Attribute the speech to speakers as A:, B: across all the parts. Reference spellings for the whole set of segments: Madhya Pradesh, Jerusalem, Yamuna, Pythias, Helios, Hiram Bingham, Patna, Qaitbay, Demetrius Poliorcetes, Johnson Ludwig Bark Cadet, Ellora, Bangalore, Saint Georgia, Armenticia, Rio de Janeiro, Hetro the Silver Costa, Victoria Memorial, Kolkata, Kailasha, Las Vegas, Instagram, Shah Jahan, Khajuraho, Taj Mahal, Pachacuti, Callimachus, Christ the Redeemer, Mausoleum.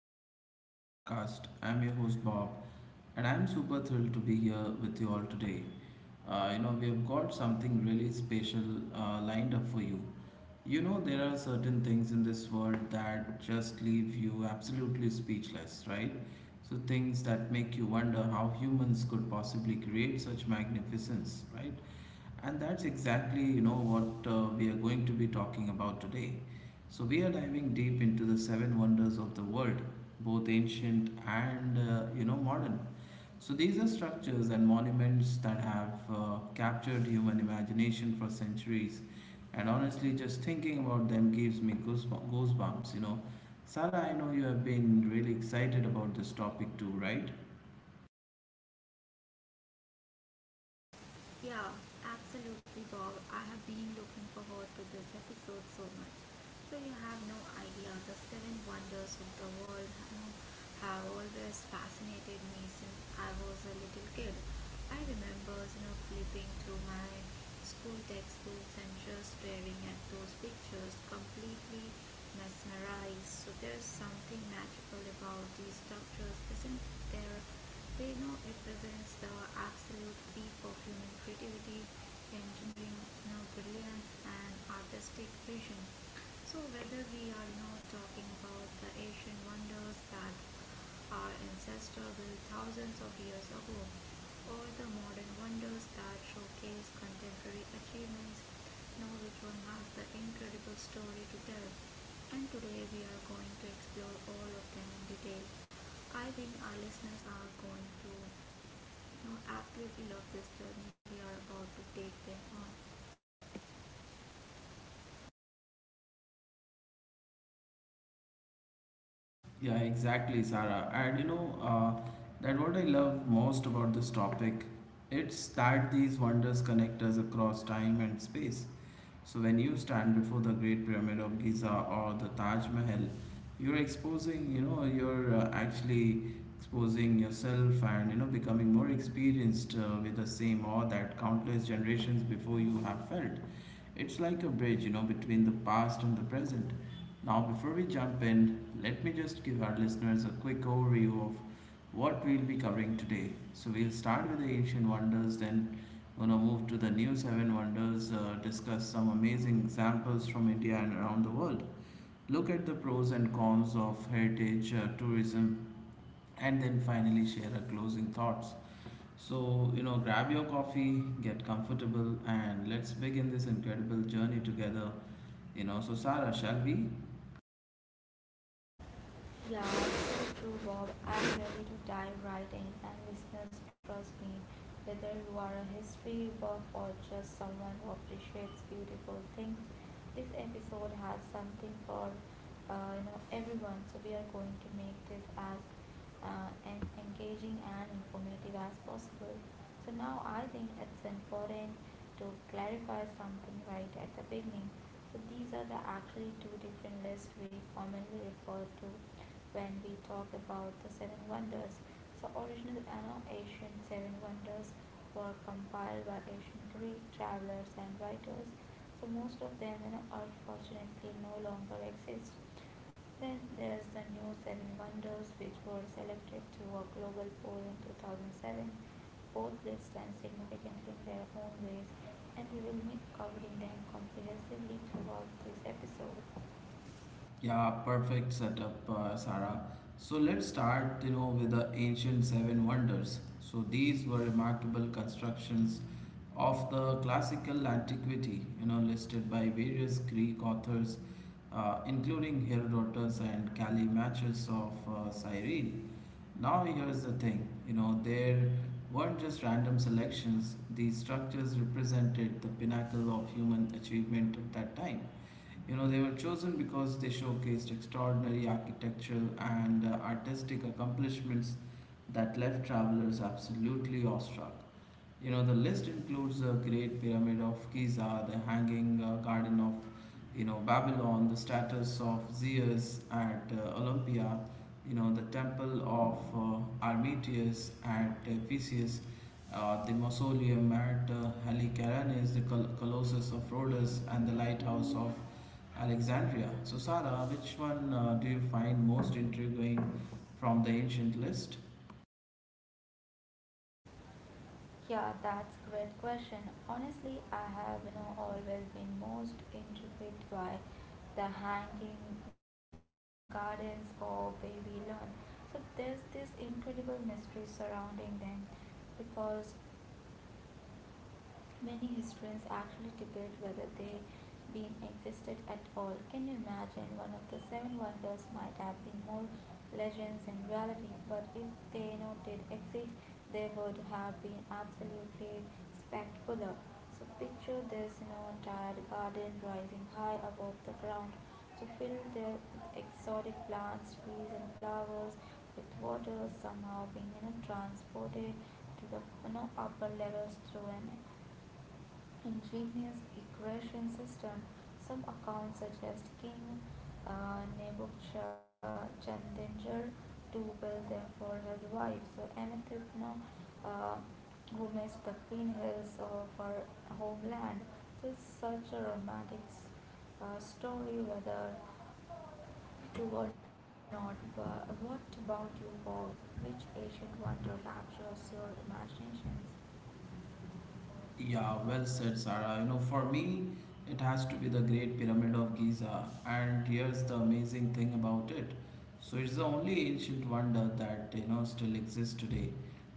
A: episode of our podcast. I'm your host Bob, and I'm super thrilled to be here with you all today. We have got something really special lined up for you. You know, there are certain things in this world that just leave you absolutely speechless, right? So things that make you wonder how humans could possibly create such magnificence, right? And that's exactly, you know, what we are going to be talking about today. So we are diving deep into the seven wonders of the world, both ancient and modern. So these are structures and monuments that have captured human imagination for centuries. And honestly, just thinking about them gives me goosebumps, goosebumps. Sarah, I know you have been really excited about this topic too, right?
B: Yeah, absolutely, Bob. I have been looking forward to this episode so much. So you have no idea the seven wonders of the world have always fascinated me since I was a little kid. I remember flipping through my school textbooks and just staring at those pictures completely mesmerized. So there's something magical about these structures, isn't there? Reno represents the absolute peak of human creativity, engineering, brilliance, and artistic vision. So, whether we are now talking about the ancient wonders that our ancestors built thousands of years ago, or the modern wonders that showcase contemporary achievements, know which one has the incredible story to tell. And today we are going to explore all of them in detail. I think our listeners are going to absolutely love this journey we are about to take them on.
A: Yeah, exactly, Sarah. And that what I love most about this topic, it's that these wonders connect us across time and space. So when you stand before the Great Pyramid of Giza or the Taj Mahal, you're actually exposing yourself and becoming more experienced with the same awe that countless generations before you have felt. It's like a bridge, between the past and the present now. Before we jump in, let me just give our listeners a quick overview of what we'll be covering today. So we'll start with the ancient wonders, then gonna move to the new seven wonders, discuss some amazing examples from India and around the world, look at the pros and cons of heritage tourism, and then finally share our closing thoughts. So, you know, grab your coffee, get comfortable, and let's begin this incredible journey together. So Sarah, shall we?
B: Yeah, so true, Bob. I'm ready to dive right in, and listeners, trust me, whether you are a history buff or just someone who appreciates beautiful things, this episode has something for everyone. So we are going to make this as and engaging and informative as possible. So now I think it's important to clarify something right at the beginning. So these are the actually two different lists we commonly refer to when we talk about the seven wonders. So original and Asian seven wonders were compiled by ancient Greek travelers and writers. So most of them unfortunately no longer exist. There's the new Seven Wonders, which were selected through a global poll in 2007. Both lists stand significantly in their own ways, and we will be covering them comprehensively throughout this episode.
A: Yeah, perfect setup, Sarah. So let's start, you know, with the ancient seven wonders. So these were remarkable constructions of the classical antiquity, you know, listed by various Greek authors, including Herodotus and Callimachus of Cyrene. Now here's the thing, you know, there weren't just random selections. These structures represented the pinnacle of human achievement at that time. You know, they were chosen because they showcased extraordinary architectural and artistic accomplishments that left travelers absolutely awestruck. You know, the list includes the Great Pyramid of Giza, the Hanging Garden of, Babylon, the statues of Zeus at Olympia, the Temple of Armitius at Ephesus, the Mausoleum at Halicarnasse, the Colossus of Rhodes, and the Lighthouse of Alexandria. So, Sarah, which one do you find most intriguing from the ancient list?
B: Yeah, that's a great question. Honestly, I have always been most intrigued by the hanging gardens or Babylon. So there's this incredible mystery surrounding them because many historians actually debate whether they being existed at all. Can you imagine one of the seven wonders might have been more legends than reality, but if they not did exist, they would have been absolutely spectacular. So picture this, entire garden rising high above the ground. So fill there with exotic plants, trees and flowers, with water somehow being, transported to the upper levels through an ingenious equation system. Some accounts suggest King Nebuchadnezzar to build them for his wife. So Amethysna, uh, who missed the green hills of her homeland. This is such a romantic story, whether true or not. But what about you, Bob? Which ancient wonder captures your imaginations?
A: Yeah, well said, Sarah. You know, for me, it has to be the Great Pyramid of Giza. And here's the amazing thing about it. So it's the only ancient wonder that, you know, still exists today.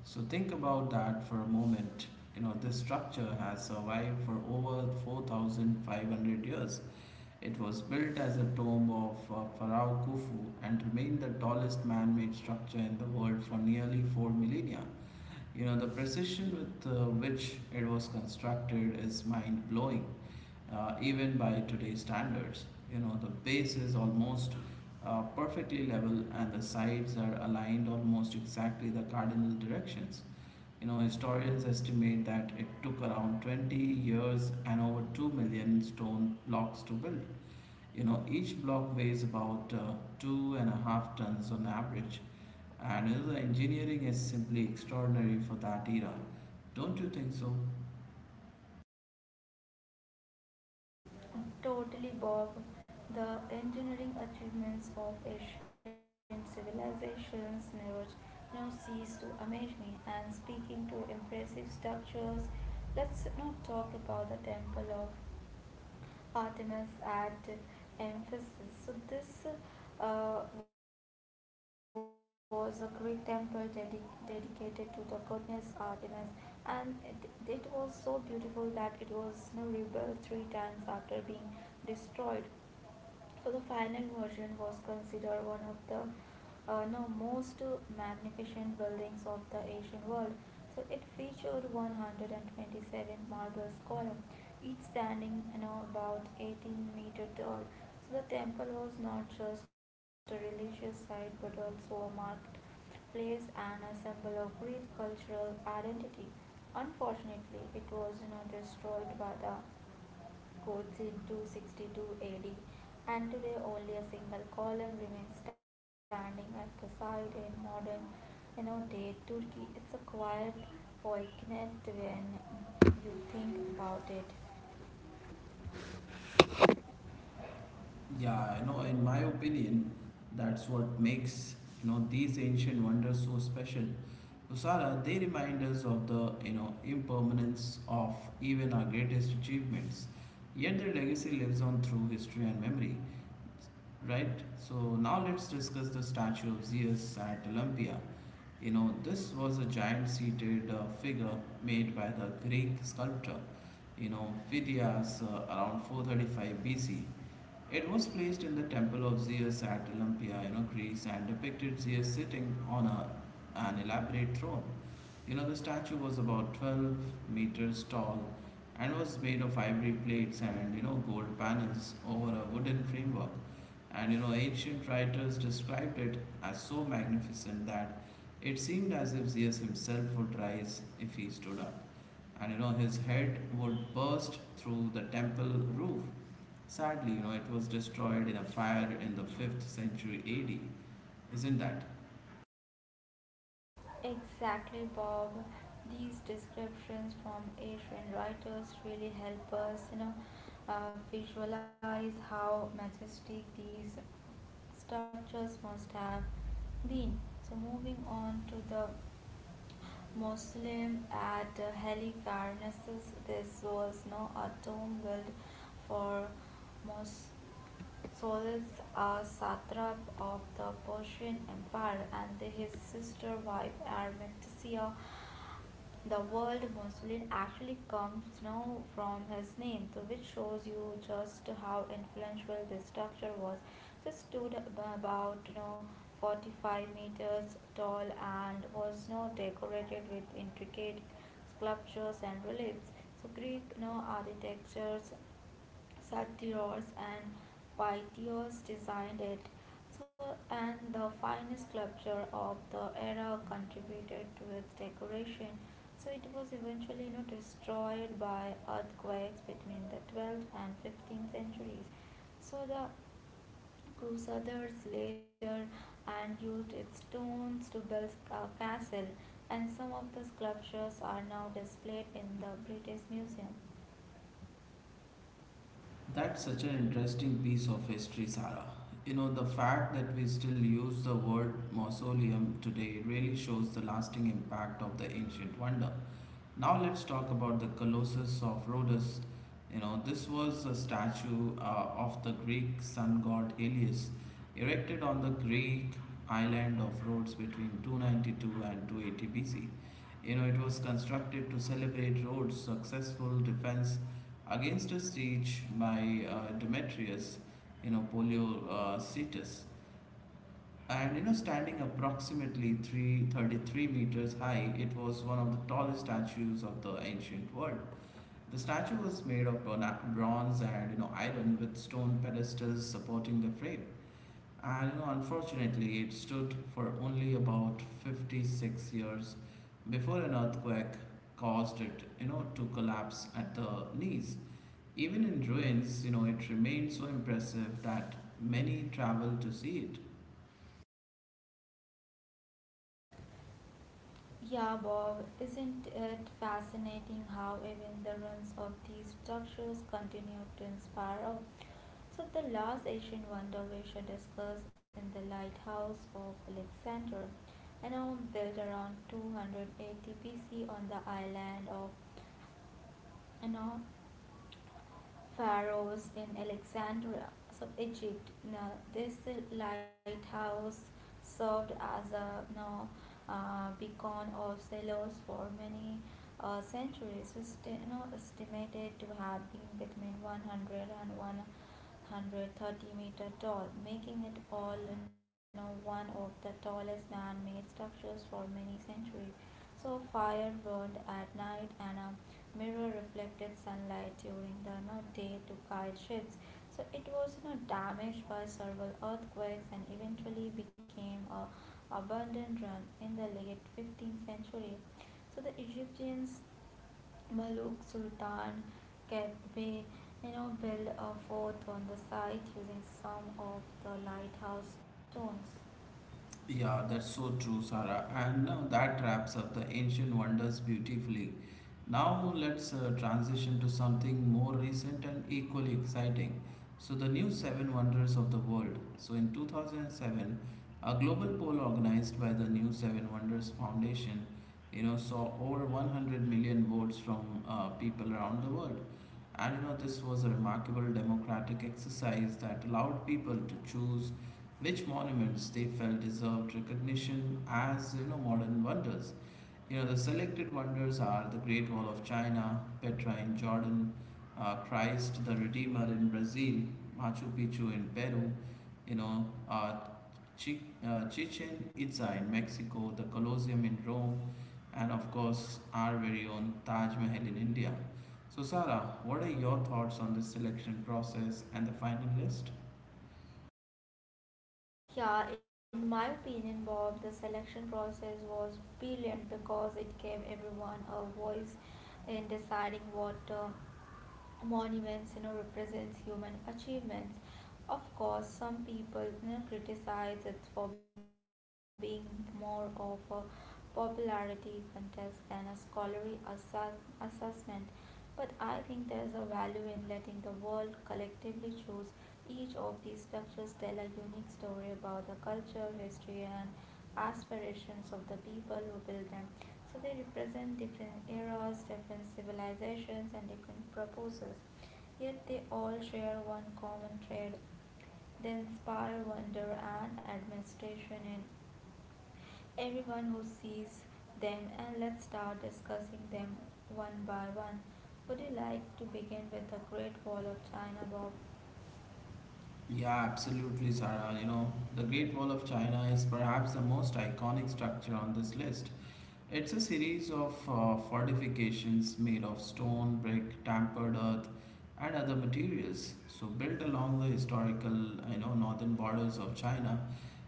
A: So think about that for a moment. You know, this structure has survived for over 4,500 years. It was built as a tomb of Pharaoh Khufu and remained the tallest man-made structure in the world for nearly four millennia. You know, the precision with which it was constructed is mind-blowing, even by today's standards. You know, the base is almost perfectly level and the sides are aligned almost exactly the cardinal directions. You know, historians estimate that it took around 20 years and over 2 million stone blocks to build. You know, each block weighs about two and a half tons on average, and you know, the engineering is simply extraordinary for that era. Don't you think so?
B: Totally, Bob. The engineering achievements of ancient civilizations never cease to amaze me. And speaking to impressive structures, let's not talk about the temple of Artemis at Ephesus. So this was a Greek temple dedicated to the goddess Artemis, and it was so beautiful that it was rebuilt three times after being destroyed. So the final version was considered one of the no, most magnificent buildings of the Asian world. So it featured 127 marble columns, each standing about 18-meter tall. So the temple was not just a religious site but also a marked place and a symbol of Greek cultural identity. Unfortunately, it was destroyed by the codes in 262 AD, and today only a single column remains standing at the site in modern day Turkey. It's a quiet poignant when you think about it.
A: Yeah, you know, in my opinion, that's what makes these ancient wonders so special. Usara, they remind us of the impermanence of even our greatest achievements. Yet their legacy lives on through history and memory. Right? So now let's discuss the statue of Zeus at Olympia. You know, this was a giant seated figure made by the Greek sculptor, Phidias around 435 BC. It was placed in the temple of Zeus at Olympia, Greece, and depicted Zeus sitting on an elaborate throne. You know, the statue was about 12 meters tall and was made of ivory plates and, you know, gold panels over a wooden framework. And, you know, ancient writers described it as so magnificent that it seemed as if Zeus himself would rise if he stood up. And, you know, his head would burst through the temple roof. Sadly, you know, it was destroyed in a fire in the 5th century AD. Isn't that?
B: Exactly, Bob. These descriptions from Asian writers really help us, visualize how majestic these structures must have been. So, moving on to the Mausoleum at Halicarnassus. This was no a tomb built for Mos- Solus, a satrap of the Persian Empire, and his sister wife Armenticia, the word Muslim actually comes now from his name, so which shows you just how influential this structure was. This stood about 45 meters tall and was now decorated with intricate sculptures and reliefs. So Greek architectures Satyros and Pythias designed it. So, and the finest sculpture of the era contributed to its decoration. So, it was eventually destroyed by earthquakes between the 12th and 15th centuries. So, the Crusaders later and used its stones to build a castle, and some of the sculptures are now displayed in the British Museum.
A: That's such an interesting piece of history, Sarah. You know, the fact that we still use the word mausoleum today really shows the lasting impact of the ancient wonder. Now let's talk about the Colossus of Rhodes. You know, this was a statue of the Greek sun god Helios, erected on the Greek island of Rhodes between 292 and 280 BC. You know, it was constructed to celebrate Rhodes' successful defense against a siege by Demetrius, Polyocetus, and you know, standing approximately 333 meters high, it was one of the tallest statues of the ancient world. The statue was made of bronze and, you know, iron, with stone pedestals supporting the frame. And you know, unfortunately it stood for only about 56 years before an earthquake caused it, you know, to collapse at the knees. Even in ruins, you know, it remained so impressive that many traveled to see it.
B: Yeah, Bob, isn't it fascinating how even the ruins of these structures continue to inspire us? So, the last ancient wonder we should discuss in the Lighthouse of Alexandria, built around 280 BC on the island of you know, pharaohs in Alexandria, so Egypt. Now, this lighthouse served as a beacon of sailors for many centuries. It's estimated to have been between one hundred and one hundred thirty and meter tall, making it all one of the tallest man-made structures for many centuries. So fire burned at night and a mirror reflected sunlight during the day to guide ships. So it was damaged by several earthquakes and eventually became a abandoned ruin in the late 15th century. So the Egyptians Maluk Sultan Qaitbay built a fort on the site using some of the lighthouse stones.
A: Yeah, that's so true, Sarah. And that wraps up the ancient wonders beautifully. Now let's transition to something more recent and equally exciting. So the new seven wonders of the world. So in 2007, a global poll organized by the New Seven Wonders Foundation, you know, saw over 100 million votes from people around the world. And you know, this was a remarkable democratic exercise that allowed people to choose which monuments they felt deserved recognition as, you know, modern wonders. You know, the selected wonders are the Great Wall of China, Petra in Jordan, Christ the Redeemer in Brazil, Machu Picchu in Peru, you know uh, Chi- Chichen Itza in Mexico, the Colosseum in Rome, and of course our very own Taj Mahal in India. So Sarah, what are your thoughts on this selection process and the final list?
B: Yeah, in my opinion, Bob, the selection process was brilliant because it gave everyone a voice in deciding what monuments represents human achievements. Of course some people criticize it for being more of a popularity contest than a scholarly assessment, but I think there's a value in letting the world collectively choose. Each of these structures tell a unique story about the culture, history, and aspirations of the people who build them. So they represent different eras, different civilizations, and different purposes. Yet they all share one common thread. They inspire wonder and admiration in everyone who sees them, and let's start discussing them one by one. Would you like to begin with the Great Wall of China, Bob?
A: Yeah, absolutely, Sarah. You know, the Great Wall of China is perhaps the most iconic structure on this list. It's a series of fortifications made of stone, brick, tempered earth, and other materials. So built along the historical, you know, northern borders of China,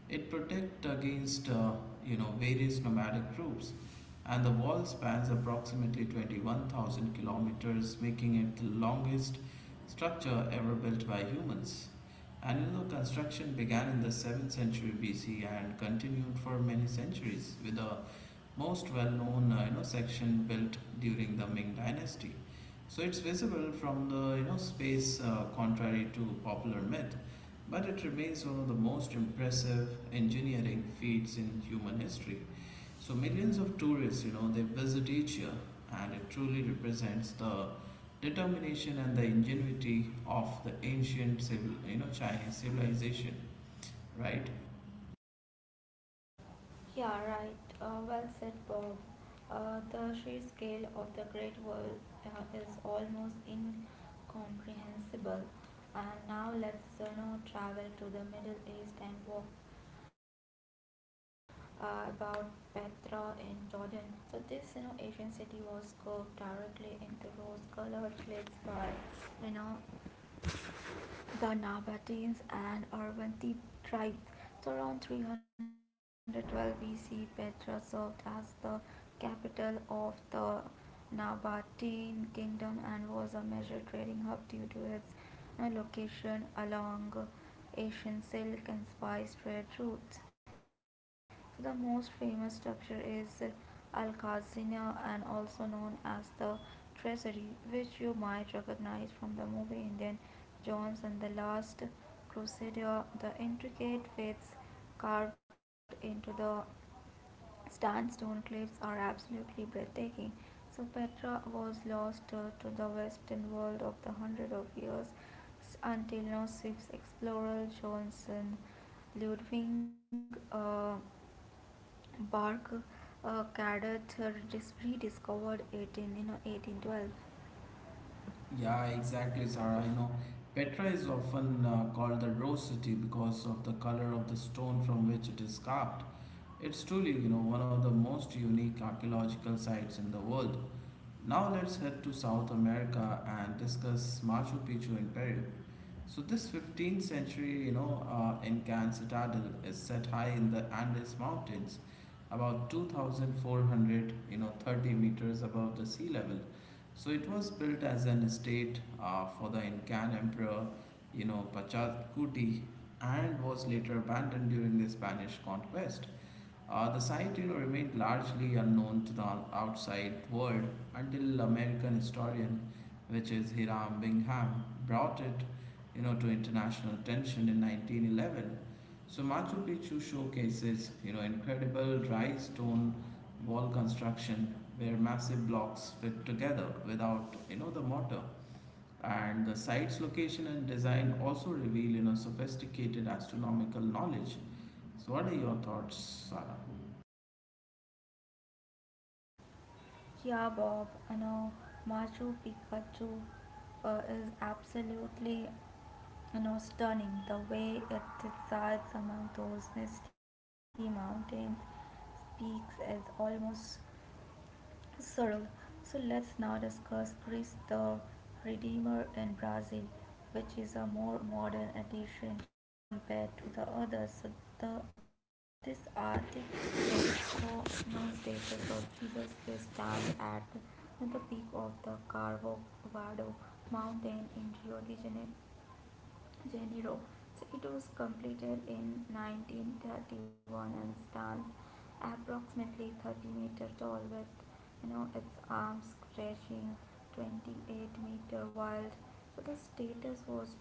A: it protect against, various nomadic groups. And the wall spans approximately 21,000 kilometers, making it the longest structure ever built by humans. And you know, construction began in the 7th century BC and continued for many centuries, with a most well-known section built during the Ming Dynasty. So it's visible from the, you know, space, contrary to popular myth, but it remains one of the most impressive engineering feats in human history. So millions of tourists, you know, they visit each year, and it truly represents the determination and the ingenuity of the ancient Chinese civilization, right?
B: Yeah, right. Well said, Bob. The sheer scale of the Great Wall is almost incomprehensible. And now let's now travel to the Middle East and walk about Petra in Jordan. So this Asian city was curved directly into rose-colored cliffs by you know the Nabateans and urban tribes. So around 312 BC, Petra served as the capital of the Nabatean kingdom and was a major trading hub due to its location along Asian silk and spice trade routes. So the most famous structure is Al-Khazanah and also known as the treasury, which you might recognize from the movie *Indiana Jones and the Last Crusader. The intricate faces carved into the sandstone cliffs are absolutely breathtaking. So Petra was lost to the western world of the hundred of years until now Swiss explorer Johnson Ludwig Bark Cadet rediscovered it in 1812.
A: Yeah, exactly, Sarah. You know, Petra is often called the Rose City because of the color of the stone from which it is carved. It's truly, you know, one of the most unique archaeological sites in the world. Now let's head to South America and discuss Machu Picchu in Peru. So this 15th century, Incan citadel is set high in the Andes Mountains, about 2,400, 30 meters above the sea level. So it was built as an estate for the Incan emperor, Pachacuti, and was later abandoned during the Spanish conquest. The site, you know, remained largely unknown to the outside world until American historian, which is Hiram Bingham, brought it, you know, to international attention in 1911. So Machu Picchu showcases, you know, incredible dry stone wall construction where massive blocks fit together without, you know, the mortar. And the site's location and design also reveal, you know, sophisticated astronomical knowledge. So what are your thoughts, Sarah?
B: Yeah, Bob, Machu Picchu is absolutely stunning. The way it resides among those misty mountains speaks as almost Sorrel. So let's now discuss Christ the Redeemer in Brazil, which is a more modern edition compared to the others. So the, this art is known status of Jesus Christ stands at the peak of the Carvalho Mountain in Rio de Janeiro. So it was completed in 1931 and stands approximately 30 meters tall with its arms stretching 28-meter wide. So the status was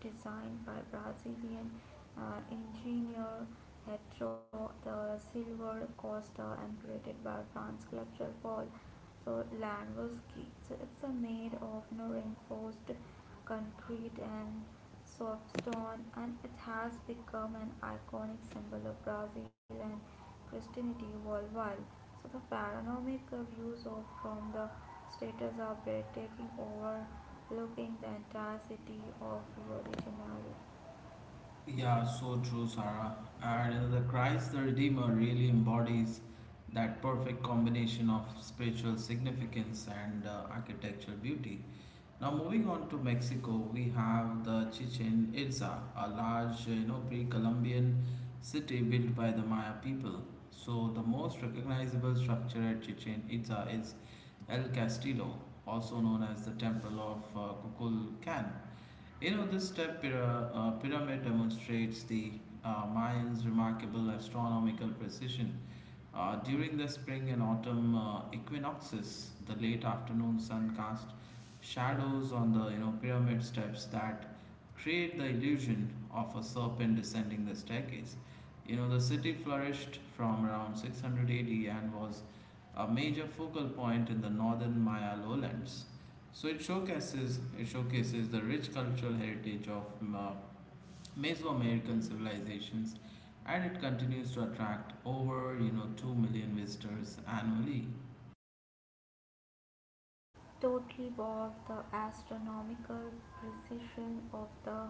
B: designed by Brazilian engineer Hetro the Silver Costa and created by France Cultural Paul so land was key. So it's a made of reinforced concrete and soft stone, and it has become an iconic symbol of Brazil and Christianity worldwide. So the panoramic views of from the status are breathtaking, overlooking the entire city of Rio de Janeiro.
A: Yeah, so true, Sarah. And the Christ the Redeemer really embodies that perfect combination of spiritual significance and architectural beauty. Now, moving on to Mexico, we have the Chichen Itza, a large, you know, pre-Columbian city built by the Maya people. So the most recognizable structure at Chichen Itza is El Castillo, also known as the Temple of Kukulcan. You know, this step pyramid demonstrates the Mayans' remarkable astronomical precision. During the spring and autumn equinoxes, the late afternoon sun cast shadows on the pyramid steps that create the illusion of a serpent descending the staircase. The city flourished from around 600 AD and was a major focal point in the northern Maya lowlands. So it showcases the rich cultural heritage of uh, Mesoamerican civilizations, and it continues to attract over 2 million visitors annually.
B: Totally bored. The astronomical precision of the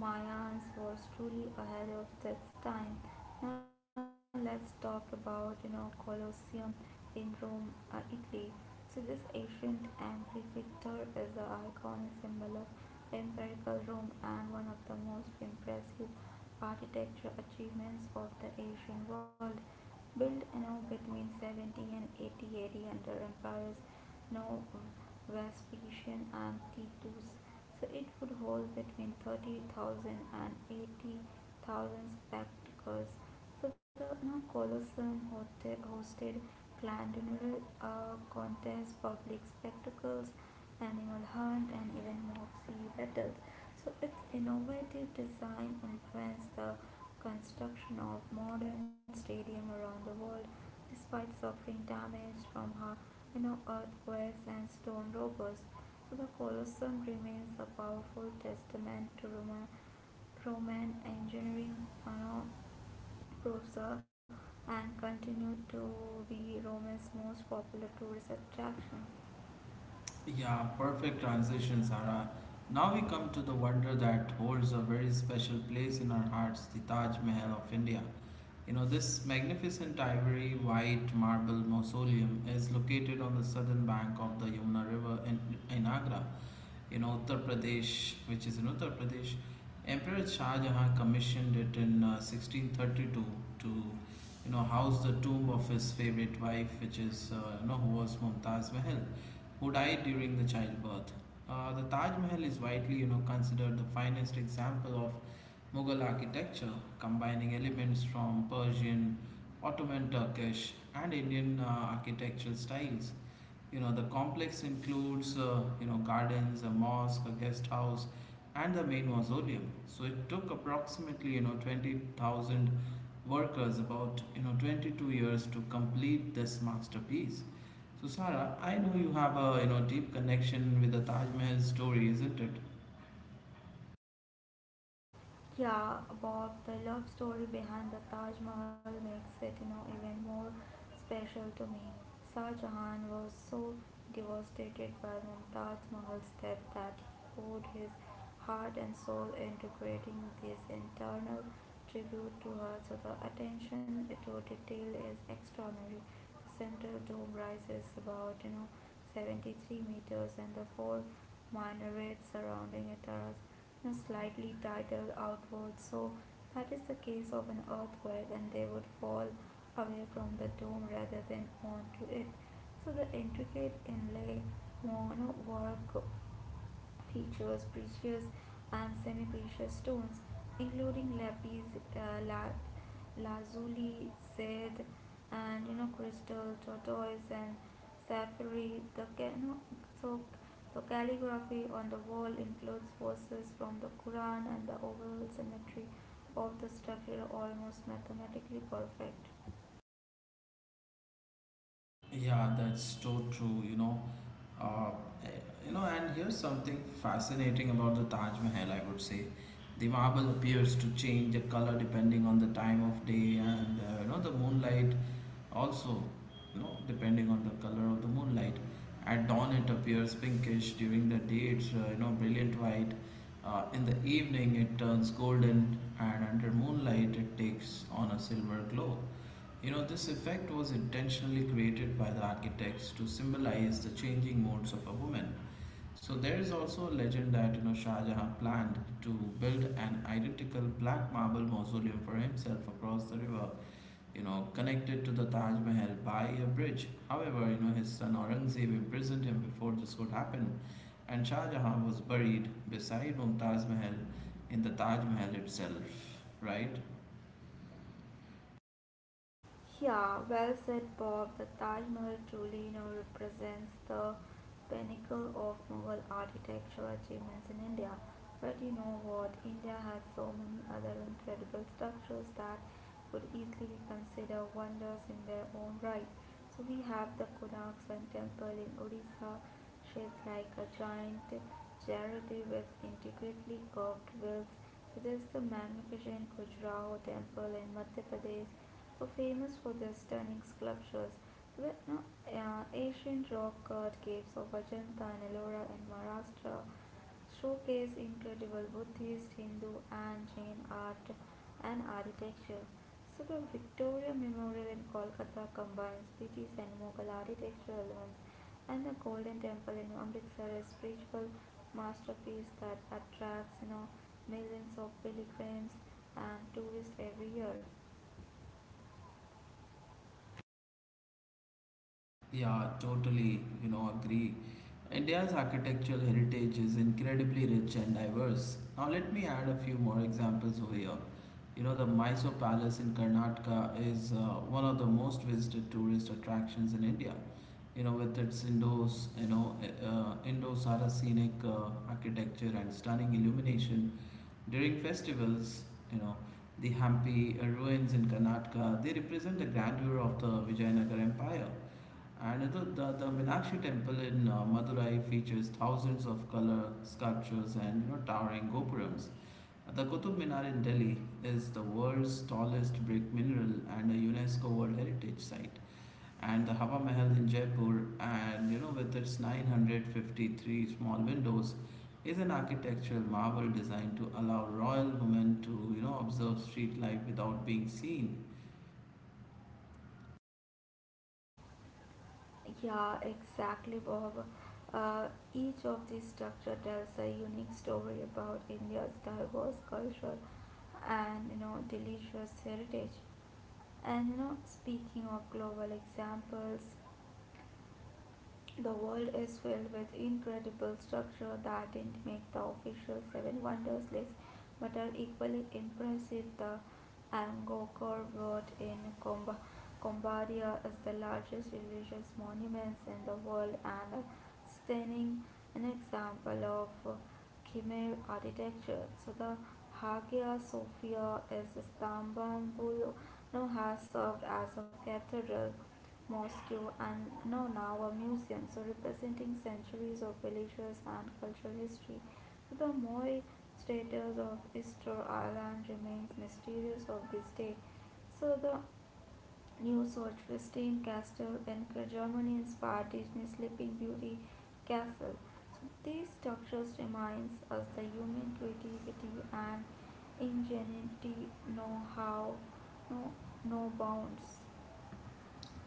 B: Mayans was truly ahead of its time. Now let's talk about Colosseum in Rome, Italy. So this ancient amphitheater is an iconic symbol of imperial Rome and one of the most impressive architecture achievements of the Asian world built between 70 and 80 AD under empires you know, Vespasian and Titus. So it would hold between 30,000 spectators. So the Colosseum hosted glandular contests, public spectacles, animal hunt, and even mock sea battles. So its innovative design influenced the construction of modern stadium around the world despite suffering damage from earthquakes and stone robbers. So the Colosseum remains a powerful testament to Roman engineering you know, prosa and continued to be Rome's most popular tourist attraction.
A: Yeah, perfect transition, Sarah. Now we come to the wonder that holds a very special place in our hearts, the Taj Mahal of India. You know, this magnificent ivory white marble mausoleum is located on the southern bank of the Yamuna River in Agra. In Uttar Pradesh, Emperor Shah Jahan commissioned it in 1632 to, you know, house the tomb of his favorite wife, which is, you know, who was Mumtaz Mahal, who died during the childbirth. The Taj Mahal is widely, you know, considered the finest example of Mughal architecture, combining elements from Persian, Ottoman Turkish, and Indian architectural styles. You know, the complex includes, gardens, a mosque, a guest house, and the main mausoleum. So it took approximately, you know, 20,000 workers about, you know, 22 years to complete this masterpiece. So Sarah, I know you have a, you know, deep connection with the Taj Mahal story, isn't it?
B: Yeah, about the love story behind the Taj Mahal makes it, even more special to me. Shah Jahan was so devastated by Mumtaz Mahal's death that he poured his heart and soul into creating this internal tribute to her. So the attention to detail is extraordinary. Central dome rises about 73 meters, and the four minarets surrounding it are slightly tilted outwards so that is the case of an earthquake and they would fall away from the dome rather than onto it. So the intricate inlay monowork features precious and semi-precious stones, including lapis, uh, la- lazuli, jade, and crystal, tortoise, and sapphire. The ca- no, so the calligraphy on the wall includes verses from the Quran, and the overall symmetry of the structure almost mathematically perfect.
A: Yeah, that's so true, you know. Uh, eh, you know, and here's something fascinating about the Taj Mahal, I would say. The marble appears to change the color depending on the time of day and, you know, the moonlight also, you know, depending on the color of the moonlight. At dawn, it appears pinkish. During the day, it's, you know, brilliant white. In the evening, it turns golden, and under moonlight, it takes on a silver glow. You know, this effect was intentionally created by the architects to symbolize the changing modes of a woman. So there is also a legend that you know Shah Jahan planned to build an identical black marble mausoleum for himself across the river, you know, connected to the Taj Mahal by a bridge. However, you know his son Aurangzeb imprisoned him before this could happen, and Shah Jahan was buried beside Mumtaz Mahal in the Taj Mahal itself, right?
B: Yeah, well said, Bob. The Taj Mahal truly represents the pinnacle of Mughal architecture achievements in India. But you know what? India has so many other incredible structures that could easily be considered wonders in their own right. So we have the Kunak Sun temple in Odisha shaped like a giant charity with intricately carved wheels. So there's the magnificent Khajuraho temple in Madhya Pradesh, so famous for their stunning sculptures. So the no, Ancient rock cut caves of Ajanta and Ellora in Maharashtra showcase incredible Buddhist, Hindu, and Jain art and architecture. So the Victoria Memorial in Kolkata combines British and Mughal architectural elements, and the Golden Temple in Amritsar is a spiritual masterpiece that attracts millions of pilgrims and tourists every year.
A: Yeah, totally, you know, agree. India's architectural heritage is incredibly rich and diverse. Now, let me add a few more examples over here. You know, the Mysore Palace in Karnataka is one of the most visited tourist attractions in India. You know, with its Indo-Saracenic architecture and stunning illumination during festivals, you know, the Hampi ruins in Karnataka, they represent the grandeur of the Vijayanagar Empire and the Meenakshi temple in Madurai features thousands of color sculptures and you know, towering gopurams. The Qutub Minar in Delhi is the world's tallest brick mineral and a UNESCO World Heritage Site. And the Hawa Mahal in Jaipur, and you know, with its 953 small windows, is an architectural marvel designed to allow royal women to you know observe street life without being seen.
B: Yeah, exactly, Bob. Uh, each of these structure tells a unique story about India's diverse culture and delicious heritage. And you know, speaking of global examples, the world is filled with incredible structure that didn't make the official Seven Wonders list but are equally impressive. The Angkor Wat in Cambodia is the largest religious monument in the world and a stunning an example of Khmer architecture. So the Hagia Sophia is Istanbul now has served as a cathedral Moscow and no, now a museum, so representing centuries of religious and cultural history. The Moy status of Easter Island remains mysterious of this day. So the new Solstein Castle in Germany inspired Disney Sleeping Beauty Castle. So these structures reminds us the human creativity and ingenuity know how no no bounds.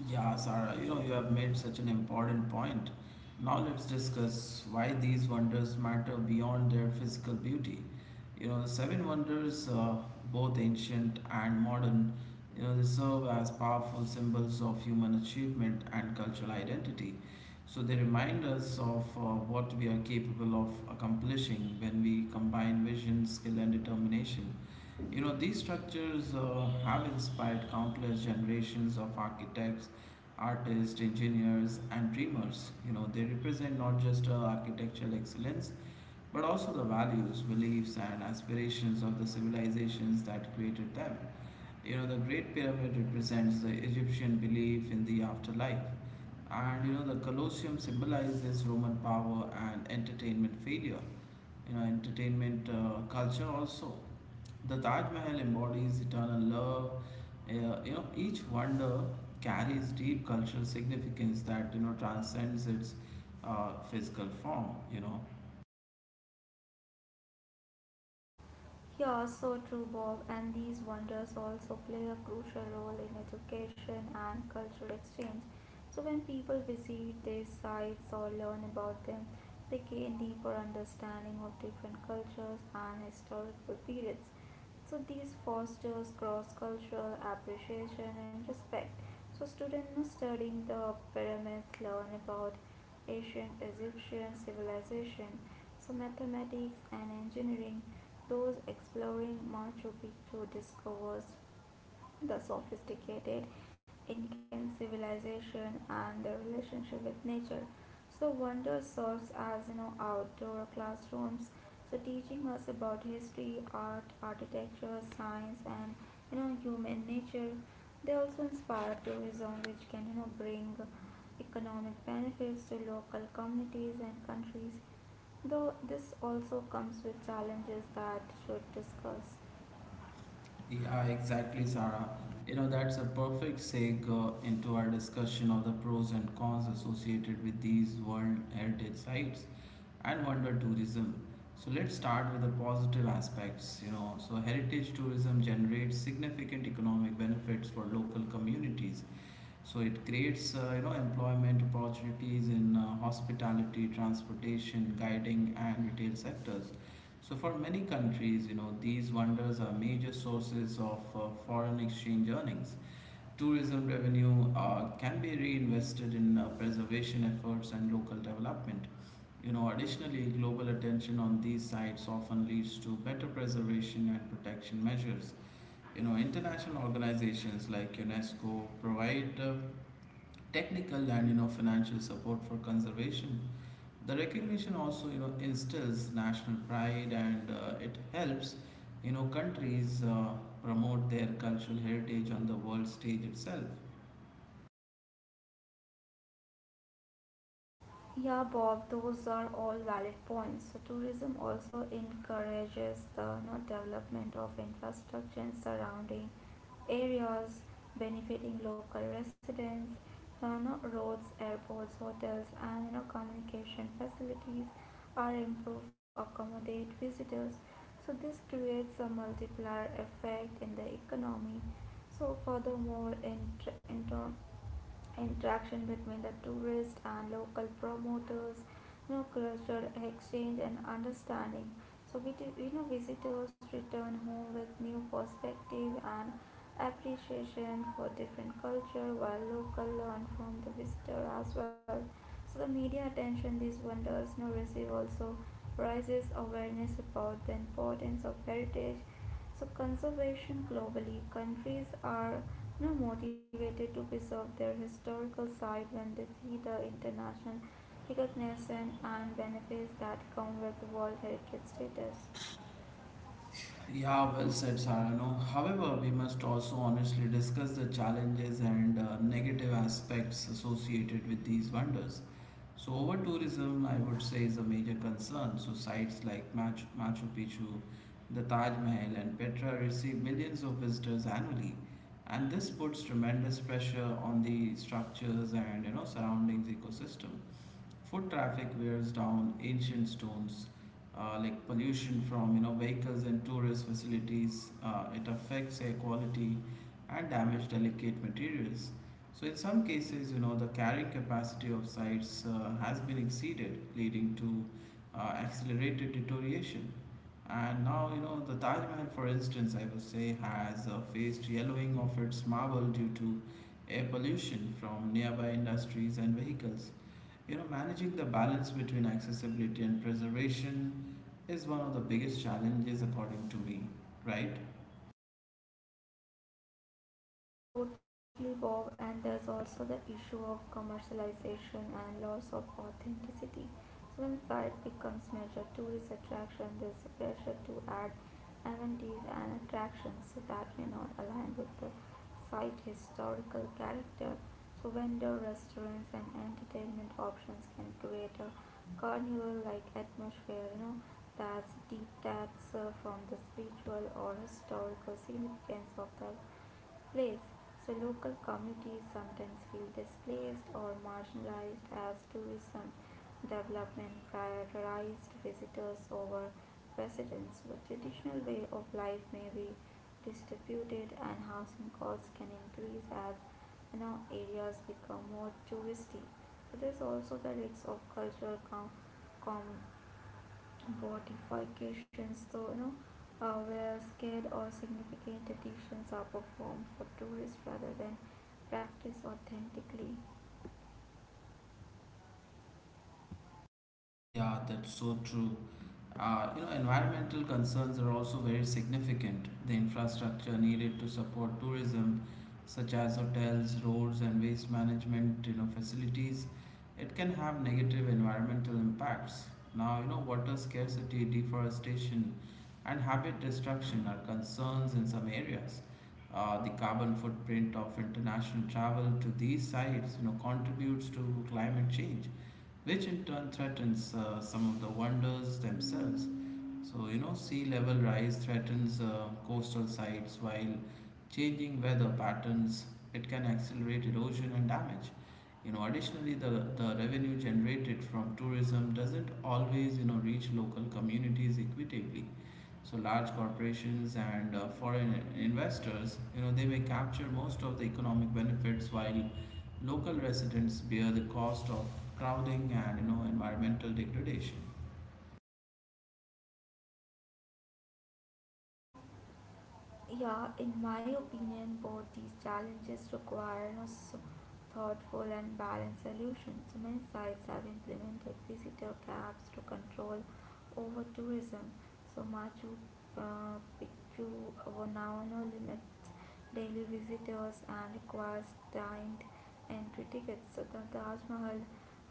A: Yeah, Sarah, you know, you have made such an important point. Now let's discuss why these wonders matter beyond their physical beauty. You know, the seven wonders, both ancient and modern, you know, they serve as powerful symbols of human achievement and cultural identity. So they remind us of what we are capable of accomplishing when we combine vision, skill, and determination. You know, these structures have inspired countless generations of architects, artists, engineers, and dreamers. You know, they represent not just architectural excellence but also the values, beliefs, and aspirations of the civilizations that created them. You know, the Great Pyramid represents the Egyptian belief in the afterlife, and you know, the Colosseum symbolizes Roman power and entertainment failure, you know, entertainment culture also. The Taj Mahal embodies eternal love. You know, each wonder carries deep cultural significance that you know transcends its physical form. You know,
B: Yeah, so true, Bob. And these wonders also play a crucial role in education and cultural exchange. So, when people visit these sites or learn about them, they gain deeper understanding of different cultures and historical periods. So, these fosters cross cultural appreciation and respect. So, students studying the pyramids learn about ancient Egyptian civilization, so mathematics and engineering those exploring Machu Picchu discovers the sophisticated Incan civilization and their relationship with nature. So wonder serves as outdoor classrooms, so teaching us about history, art, architecture, science, and human nature. They also inspire tourism, which can bring economic benefits to local communities and countries. Though this also comes with challenges that should discuss.
A: yeah, exactly, Sarah. You know, that's a perfect segue into our discussion of the pros and cons associated with these World Heritage Sites and wonder tourism. So let's start with the positive aspects, you know. So heritage tourism generates significant economic benefits for local communities so it creates, employment opportunities in hospitality, transportation, guiding, and retail sectors. So for many countries, you know, these wonders are major sources of foreign exchange earnings. Tourism revenue can be reinvested in preservation efforts and local development. You know, additionally, global attention on these sites often leads to better preservation and protection measures. You know, international organizations like UNESCO provide technical and you know financial support for conservation. The recognition also you know instills national pride and it helps you know countries promote their cultural heritage on the world stage itself.
B: Yeah, Bob, those are all valid points. So tourism also encourages the development of infrastructure and surrounding areas benefiting local residents, no, roads, airports, hotels, and communication facilities are improved to accommodate visitors. So this creates a multiplier effect in the economy. So furthermore, in, interaction between the tourist and local promoters culture exchange and understanding so we do, visitors return home with new perspective and appreciation for different culture while local learn from the visitor as well. So the media attention these wonders receive also raises awareness about the importance of heritage so conservation globally. Countries are now motivated to preserve their historical site when they see the international recognition and benefits that come with World Heritage status.
A: Yeah, well said, Sarano. However, we must also honestly discuss the challenges and negative aspects associated with these wonders. So, over tourism, I would say, is a major concern. So, sites like Machu Picchu, the Taj Mahal, and Petra receive millions of visitors annually, and this puts tremendous pressure on the structures and you know surroundings ecosystem. Foot traffic wears down ancient stones, like pollution from you know vehicles and tourist facilities. It affects air quality and damage delicate materials. So in some cases, you know the carrying capacity of sites has been exceeded, leading to uh, accelerated deterioration. And now, you know, the Taj Mahal, for instance, I would say, has faced yellowing of its marble due to air pollution from nearby industries and vehicles. You know, managing the balance between accessibility and preservation is one of the biggest challenges, according to me, right?
B: Totally, Bob, and there's also the issue of commercialization and loss of authenticity. So, when site becomes major tourist attraction, there's a pressure to add amenities and attractions that may not align with the site historical character. So, vendor restaurants and entertainment options can create a carnival-like atmosphere, you know, that's detached from the spiritual or historical significance of the place. So local communities sometimes feel displaced or marginalized as tourism development prioritized visitors over residents. The traditional way of life may be distributed and housing costs can increase as areas become more touristy. So there's also the risk of cultural com- modifications, so you know, where scale or significant additions are performed for tourists rather than practice authentically.
A: Yeah, that's so true. You know, environmental concerns are also very significant. The infrastructure needed to support tourism, such as hotels, roads, and waste management, you know, facilities, it can have negative environmental impacts. Now, you know, water scarcity, deforestation, and habit destruction are concerns in some areas. The carbon footprint of international travel to these sites, you know, contributes to climate change which in turn threatens some of the wonders themselves. So, you know, sea level rise threatens coastal sites while changing weather patterns, it can accelerate erosion and damage. You know, additionally, the revenue generated from tourism doesn't always, you know, reach local communities equitably. So large corporations and foreign investors, you know, they may capture most of the economic benefits while local residents bear the cost of crowding and you know environmental degradation.
B: Yeah, in my opinion, both these challenges require a thoughtful and balanced solution. So many sites have implemented visitor caps to control over tourism. So Machu Picchu now no limits daily visitors and requires timed entry tickets. So the Taj Mahal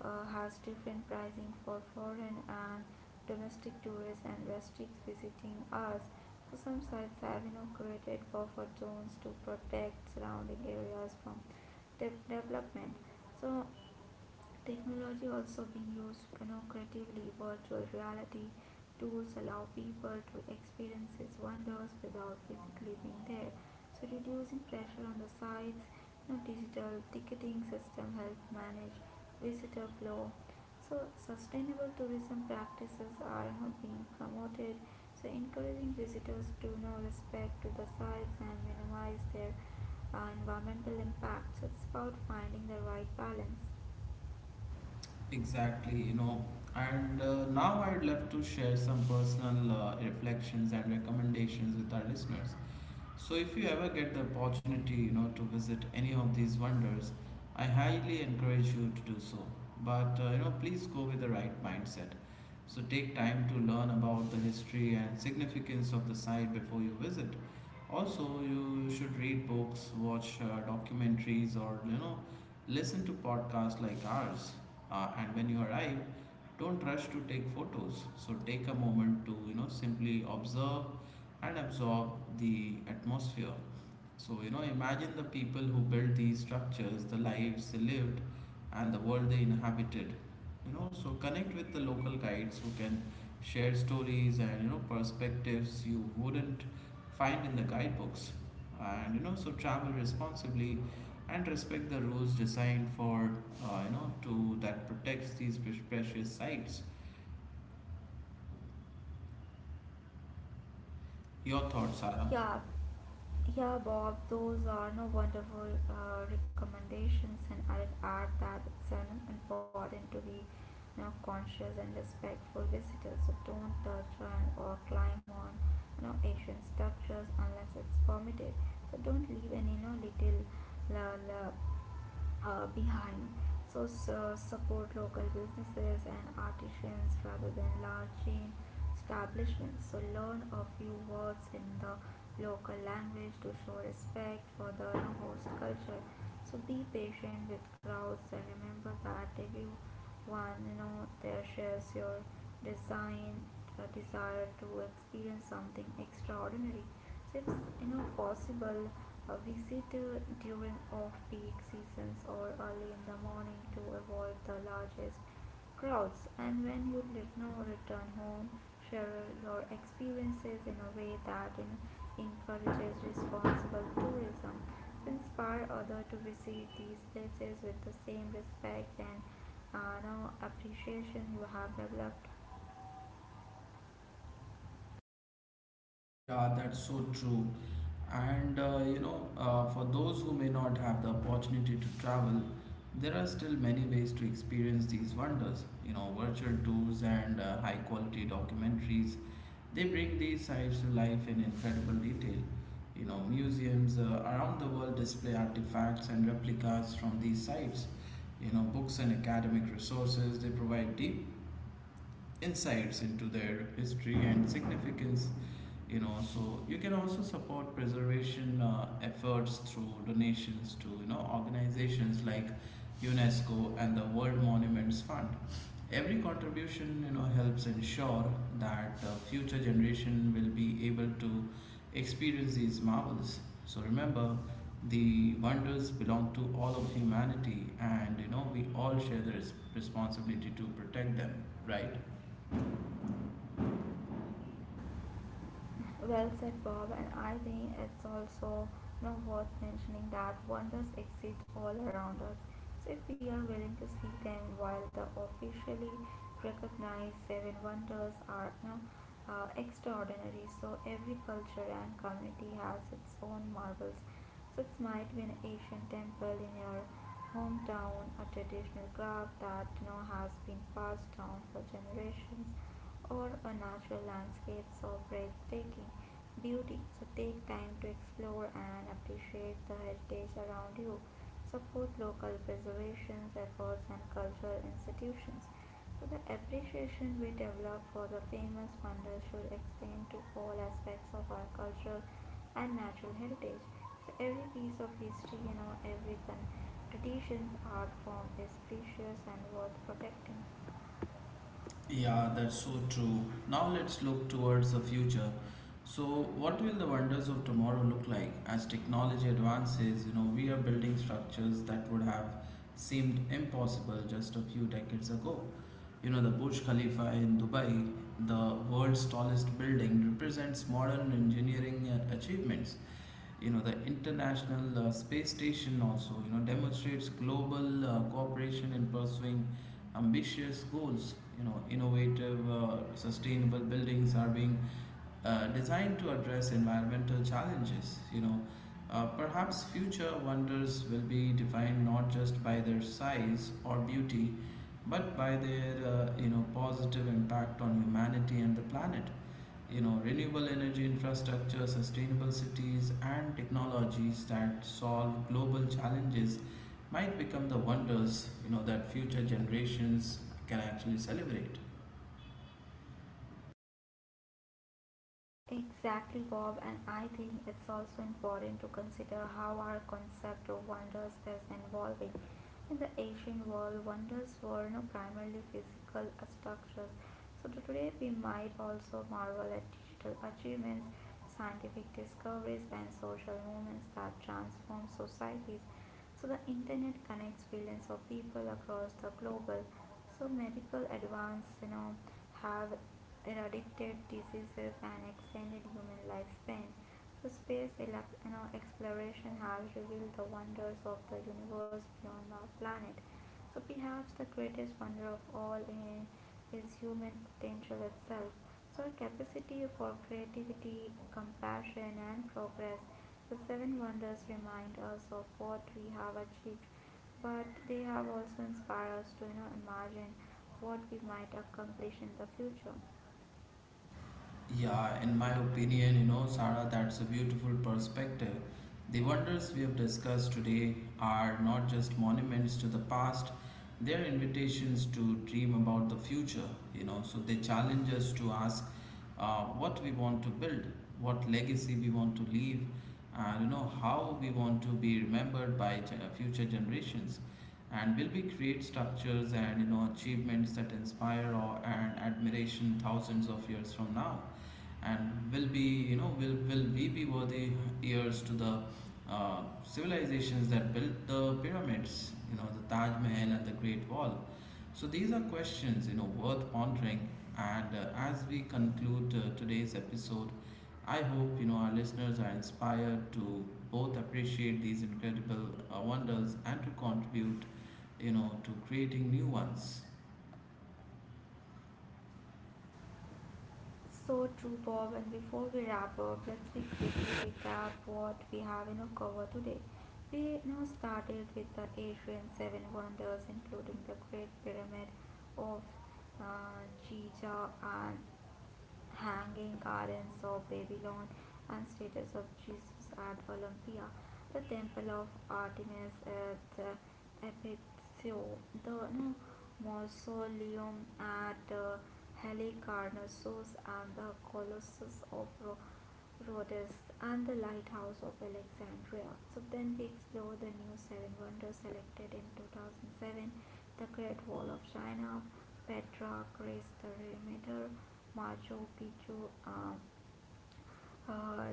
B: has different pricing for foreign and domestic tourists and restricts visiting us. So some sites have inaugurated buffer zones to protect surrounding areas from development. So technology also being used innovatively, virtual reality tools allow people to experience its wonders without physically being there, so reducing pressure on the sites. You know, digital ticketing system help manage visitor flow. So sustainable tourism practices are being promoted, so encouraging visitors to respect to the sites and minimize their environmental impact. So it's about finding the right balance.
A: Exactly, you know. And now I'd love to share some personal reflections and recommendations with our listeners. So if you ever get the opportunity, you know, to visit any of these wonders, I highly encourage you to do so. But you know, please go with the right mindset. So take time to learn about the history and significance of the site before you visit. Also, you should read books, watch documentaries, or you know, listen to podcasts like ours. And when you arrive, don't rush to take photos. So take a moment to you know simply observe and absorb the atmosphere. So, you know, imagine the people who built these structures, the lives they lived, and the world they inhabited. You know, so connect with the local guides who can share stories and, you know, perspectives you wouldn't find in the guidebooks. And, you know, so travel responsibly and respect the rules designed for, you know, to that protects these precious sites. Your thoughts, Sarah?
B: Yeah, yeah, Bob, those are no wonderful recommendations, and I'd add that it's an important to be you conscious and respectful visitors. So don't touch on or climb on ancient structures unless it's permitted. So don't leave any little la, la, behind. So support local businesses and artisans rather than large chain establishments. So learn a few words in the local language to show respect for the host culture. So be patient with crowds and remember that everyone there shares your design desire to experience something extraordinary. It's possible visit during off peak seasons or early in the morning to avoid the largest crowds. And when you know return home, share your experiences in a way that encourages responsible tourism to inspire others to visit these places with the same respect and appreciation you have developed.
A: Yeah, that's so true. And for those who may not have the opportunity to travel, there are still many ways to experience these wonders. You know, virtual tours and high quality documentaries, they bring these sites to life in incredible detail. You know, museums around the world display artifacts and replicas from these sites. You know, books and academic resources, they provide deep insights into their history and significance, you know, so you can also support preservation efforts through donations to you know organizations like UNESCO and the World Monuments Fund. Every contribution you know helps ensure that the future generation will be able to experience these marvels. So remember, the wonders belong to all of humanity, and you know we all share the responsibility to protect them, right?
B: Well said, Bob, and I think it's also worth mentioning that wonders exist all around us. So, if we are willing to see them, while the officially recognized seven wonders are extraordinary, so every culture and community has its own marvels. So, it might be an ancient temple in your hometown, a traditional craft that has been passed down for generations or a natural landscape of breathtaking beauty. So take time to explore and appreciate the heritage around you. Support local preservation efforts and cultural institutions. So the appreciation we develop for the famous wonders should extend to all aspects of our cultural and natural heritage. So every piece of history, you know, every traditions art form is precious and worth protecting.
A: Yeah, that's so true. Now let's look towards the future. So, what will the wonders of tomorrow look like? As technology advances, you know, we are building structures that would have seemed impossible just a few decades ago. The Burj Khalifa in Dubai, the world's tallest building, represents modern engineering achievements. The international space station also demonstrates global cooperation in pursuing ambitious goals. Innovative sustainable buildings are being designed to address environmental challenges. Perhaps future wonders will be defined not just by their size or beauty, but by their positive impact on humanity and the planet. Renewable energy infrastructure, sustainable cities, and technologies that solve global challenges might become the wonders that future generations can actually celebrate.
B: Exactly, Bob, and I think it's also important to consider how our concept of wonders is evolving. In the ancient world, wonders were no primarily physical structures, so to today we might also marvel at digital achievements, scientific discoveries, and social movements that transform societies. So the internet connects billions of people across the global. So medical advance, you know, have eradicated diseases and extended human lifespan. So space, you know, exploration has revealed the wonders of the universe beyond our planet. So perhaps the greatest wonder of all in is human potential itself. So, capacity for creativity, compassion, and progress. The seven wonders remind us of what we have achieved, but they have also inspired us to imagine what we might accomplish in the future.
A: Yeah, in my opinion, Sarah, that's a beautiful perspective. The wonders we have discussed today are not just monuments to the past; they're invitations to dream about the future. So they challenge us to ask what we want to build, what legacy we want to leave, and how we want to be remembered by future generations. And will we create structures and achievements that inspire or, and admiration, thousands of years from now? And will be you know will we be worthy heirs to the civilizations that built the pyramids, the Taj Mahal, and the Great Wall? So these are questions worth pondering. And as we conclude today's episode, I hope our listeners are inspired to both appreciate these incredible wonders and to contribute to creating new ones.
B: So true, Bob. And before we wrap up, let's we quickly recap what we have covered today. We started with the Asian seven wonders, including the Great Pyramid of uh, Giza and hanging gardens of Babylon and statues of Jesus at Olympia, the temple of Artemis at Ephesus, the mausoleum at Halicarnassus and the Colossus of Rhodes and the Lighthouse of Alexandria. So then we explore the new seven wonders selected in 2007: the Great Wall of China, Petra, Greece, the Remainder, Machu Picchu, uh,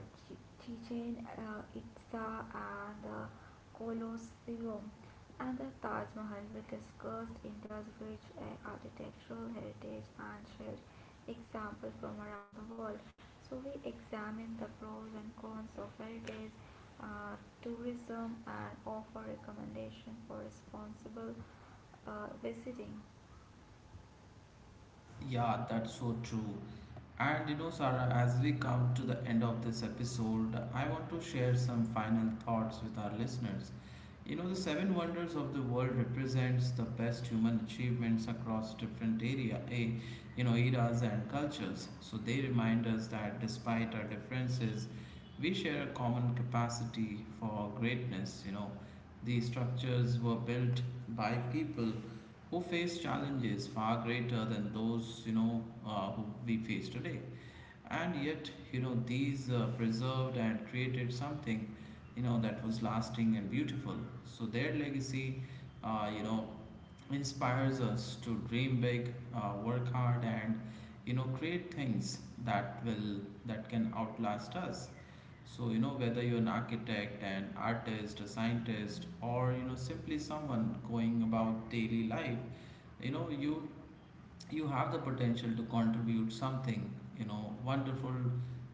B: Chichen Itza and the Colosseum and the Taj Mahal. We discussed India's rich architectural heritage and shared examples from around the world. So we examined the pros and cons of heritage uh, tourism and offer recommendation for responsible visiting.
A: Yeah, that's so true. And Sarah, as we come to the end of this episode, I want to share some final thoughts with our listeners. The seven wonders of the world represents the best human achievements across different area, eh, you know, eras and cultures. So they remind us that despite our differences, we share a common capacity for greatness. These structures were built by people who faced challenges far greater than those who we face today. And yet these preserved and created something that was lasting and beautiful. So their legacy uh, you know inspires us to dream big, work hard, and create things that will that can outlast us. So whether you're an architect, an artist, a scientist, or simply someone going about daily life, you know you you have the potential to contribute something wonderful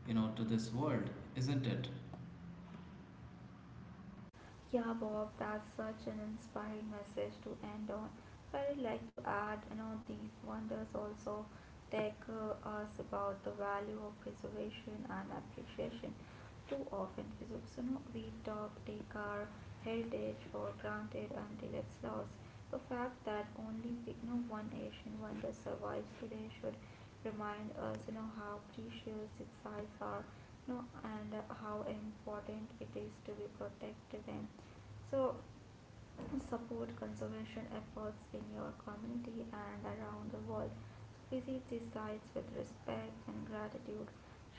A: to this world, isn't it?
B: Yeah, Bob, that's such an inspiring message to end on. So, I would like to add, you know, these wonders also take us about the value of preservation and appreciation. Too often, we, so, you know, we talk, take our heritage for granted until it's lost. The fact that only one Asian wonder survives today should remind us, you know, how precious its sites are no and how important it is to be protect them so support conservation efforts in your community and around the world. So visit these sites with respect and gratitude.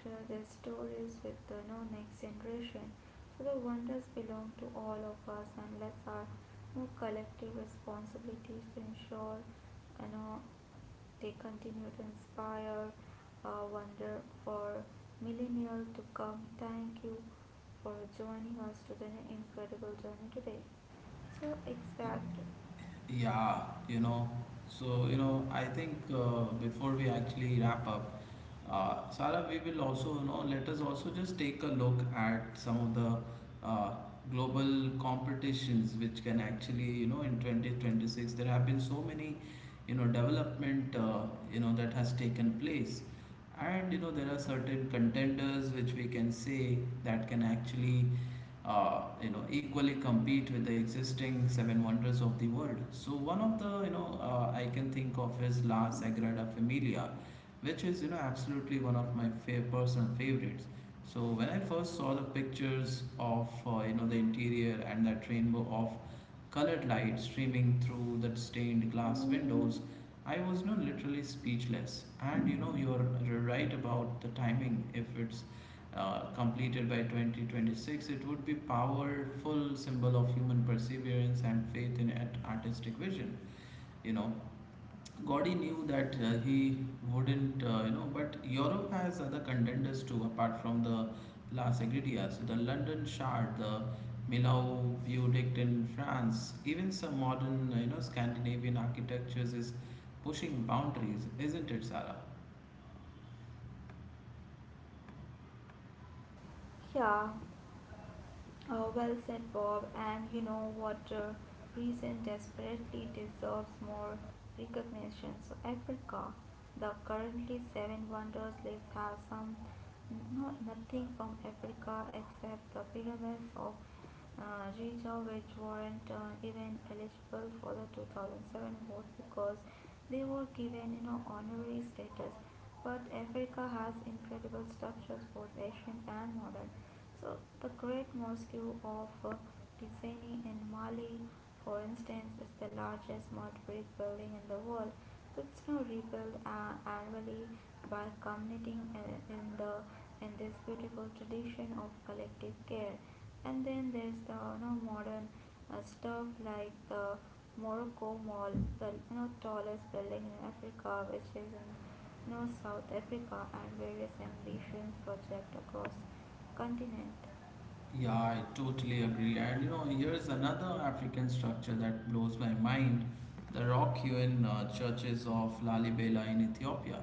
B: Share their stories with the next generation. So the wonders belong to all of us, and let's our collective responsibilities to ensure you know they continue to inspire wonder for millennia to come. Thank you for joining us to an incredible journey today. So exact,
A: Yeah. You know so I think before we actually wrap up, Sarah, we will also let us also just take a look at some of the uh, global competitions which can actually, in 2026, there have been so many development that has taken place. And there are certain contenders which we can say that can actually equally compete with the existing seven wonders of the world. So one of the, I can think of, is La Sagrada Familia, which is absolutely one of my personal favorites. So when I first saw the pictures of the interior, and that rainbow of colored light streaming through the stained glass windows, I was not literally speechless. And you're right about the timing. If it's completed by 2026, it would be powerful symbol of human perseverance and faith in at artistic vision. You know, Gaudi knew that he wouldn't, but Europe has other contenders too, apart from the La Sagrada. So the London Shard, the Millau Viaduct in France, even some modern, Scandinavian architectures is pushing boundaries, isn't it, Sarah?
B: yeah. Oh, well said, Bob. And you know what? Reason desperately deserves more recognition. So, Africa, the currently seven wonders list, has some nothing from Africa except the pyramids of Giza, which weren't even eligible for the 2007 vote because they were given you know honorary status. But Africa has incredible structures, both ancient and modern. So the Great Mosque of uh, Gizeh in Mali, for instance, is the largest mud brick building in the world. So it's now rebuilt annually by committing in the in this beautiful tradition of collective care. And then there's the modern stuff like the Morocco Mall, the tallest building in Africa, which is in North, South Africa, and various ambitions project across continent.
A: Yeah, I totally agree. And here's another African structure that blows my mind: the rock hewn churches of Lalibela in Ethiopia.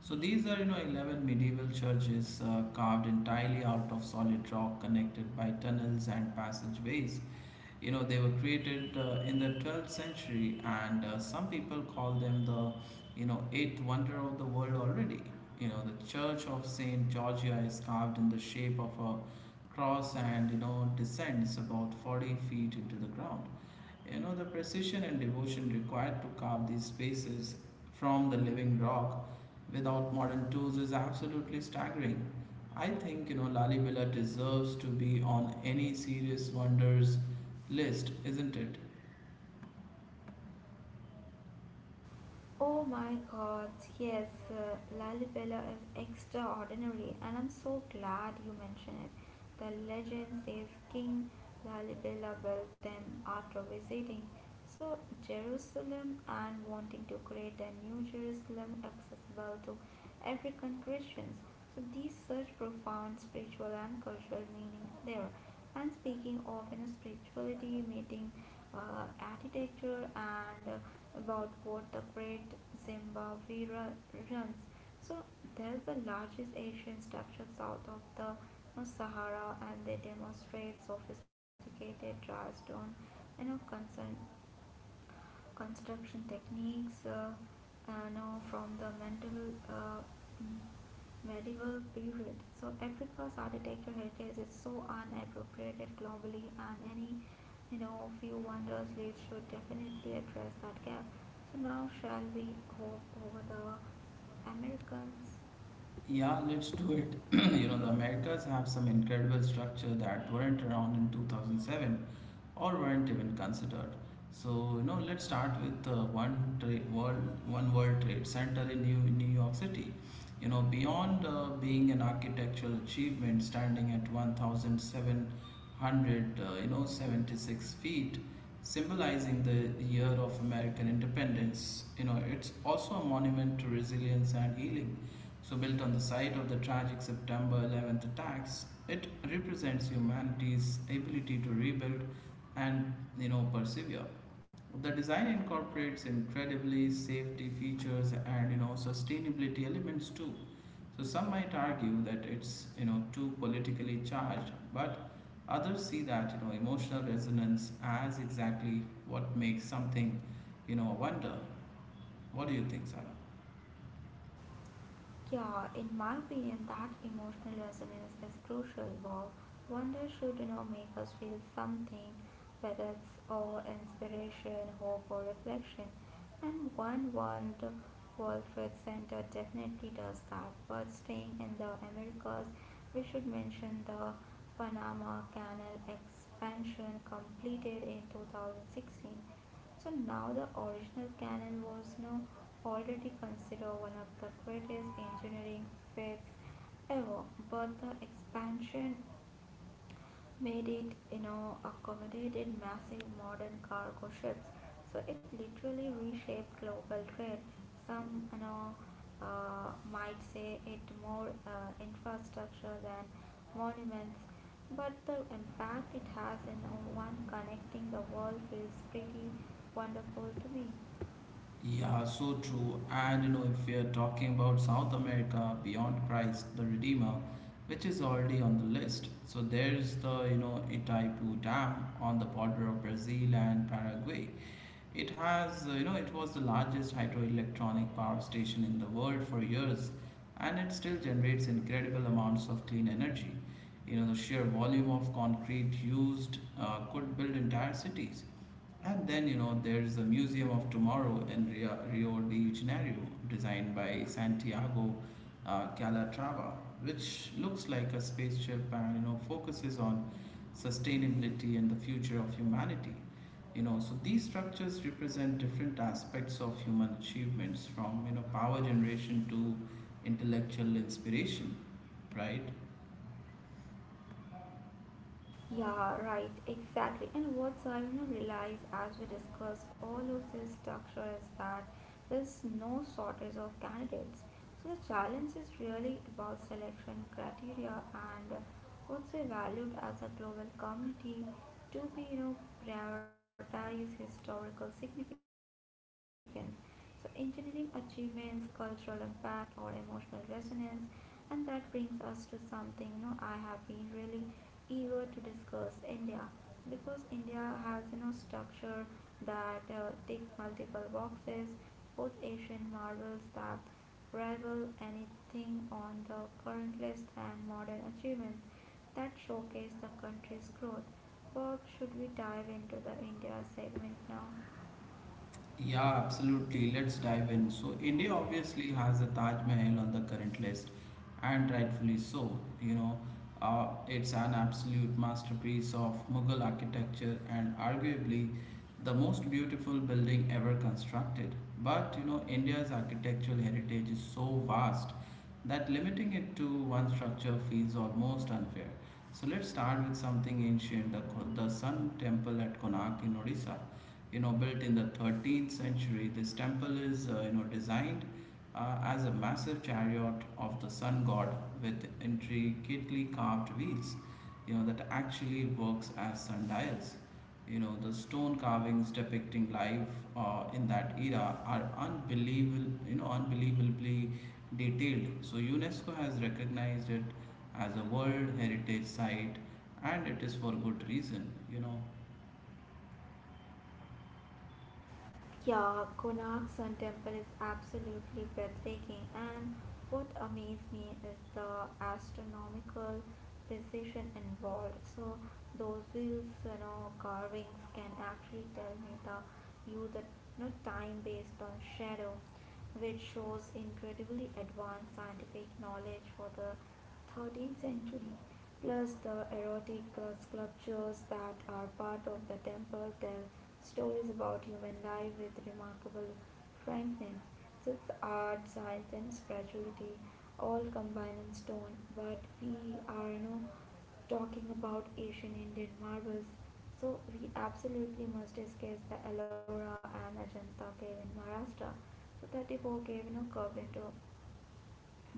A: So these are, 11 medieval churches carved entirely out of solid rock, connected by tunnels and passageways. They were created in the 12th century, and some people call them the, eighth wonder of the world already. The Church of Saint Georgia is carved in the shape of a cross and, descends about 40 feet into the ground. The precision and devotion required to carve these spaces from the living rock without modern tools is absolutely staggering. I think, Lalibela deserves to be on any serious wonders list, isn't it?
B: Oh my god, yes, Lalibela is extraordinary, and I'm so glad you mentioned it. The legend says King Lalibela built them after visiting so Jerusalem and wanting to create a new Jerusalem accessible to African Christians. So these such profound spiritual and cultural meaning there. And speaking of you know spirituality, meeting architecture, and about what the Great Zimbabwe ru- runs. So there's the largest Asian structure south of the Sahara, and they demonstrate sophisticated dry stone you know, concern construction techniques now from the mental, mm, medieval period. So Africa's architectural heritage is so unappropriated globally, and any few wonders leads should definitely address that gap. So now shall we hope over the Americans?
A: Yeah, let's do it. The Americas have some incredible structure that weren't around in 2007, or weren't even considered. So, let's start with the one tra- world, one World Trade Center in New York City. Beyond being an architectural achievement standing at 1,700, 76 feet, symbolizing the year of American independence, it's also a monument to resilience and healing. So, built on the site of the tragic September 11th attacks, it represents humanity's ability to rebuild and persevere. The design incorporates incredibly safety features and sustainability elements too. So some might argue that it's too politically charged, but others see that emotional resonance as exactly what makes something a wonder. What do you think, Sarah?
B: Yeah, in my opinion, that emotional resonance is crucial. Wow, wonder should you know make us feel something, whether it's awe, inspiration, hope, or reflection. And one the World Trade Center definitely does that. But staying in the Americas, we should mention the Panama Canal expansion completed in 2016. So now the original cannon was now already considered one of the greatest engineering feats ever, but the expansion made it you know accommodated massive modern cargo ships, so it literally reshaped global trade. Some might say it more infrastructure than monuments, but the impact it has in one connecting the world feels pretty wonderful to me.
A: Yeah, so true. And if we are talking about South America beyond Christ the Redeemer, which is already on the list, so there's the Itaipu Dam on the border of Brazil and Paraguay. It has you know it was the largest hydroelectronic power station in the world for years, and it still generates incredible amounts of clean energy. The sheer volume of concrete used could build entire cities. And then, there's the Museum of Tomorrow in Rio de Janeiro, designed by Santiago Calatrava, which looks like a spaceship and, focuses on sustainability and the future of humanity. So these structures represent different aspects of human achievements, from, power generation to intellectual inspiration, right?
B: Yeah, right, exactly. And what Zarina realized as we discuss all of this structure is that there's no shortage of candidates. So the challenge is really about selection criteria and what's we valued as a global community to be, you know, prioritize historical significance. So, engineering achievements, cultural impact, or emotional resonance, and that brings us to something you know I have been really eager to discuss India, because India has you know structure that tick multiple boxes, both Asian marvels that rival anything on the current list and modern achievements that showcase the country's growth. Bob, should we dive into the India segment now?
A: Yeah, absolutely. Let's dive in. So, India obviously has the Taj Mahal on the current list, and rightfully so. It's an absolute masterpiece of Mughal architecture, and arguably the most beautiful building ever constructed. But, India's architectural heritage is so vast that limiting it to one structure feels almost unfair. So, let's start with something ancient: the Sun Temple at Konark in Odisha, built in the 13th century. This temple is, designed as a massive chariot of the sun god, with intricately carved wheels that actually works as sundials. The stone carvings depicting life in that era are unbelievable you know unbelievably detailed. So UNESCO has recognized it as a world heritage site, and it is for good reason.
B: Yeah, Konark Sun Temple is absolutely breathtaking, and what amazed me is the astronomical precision involved. So those wheels, you know, carvings can actually tell me the you know, time based on shadow, which shows incredibly advanced scientific knowledge for the 13th century. Plus, the erotic sculptures that are part of the temple tell stories about human life with remarkable frankness. So it's art, science, and spirituality all combined in stone, but we are no talking about Asian Indian marvels, so we absolutely must discuss the Ellora and Ajanta cave in Maharashtra. So 34 cave, you know, curved into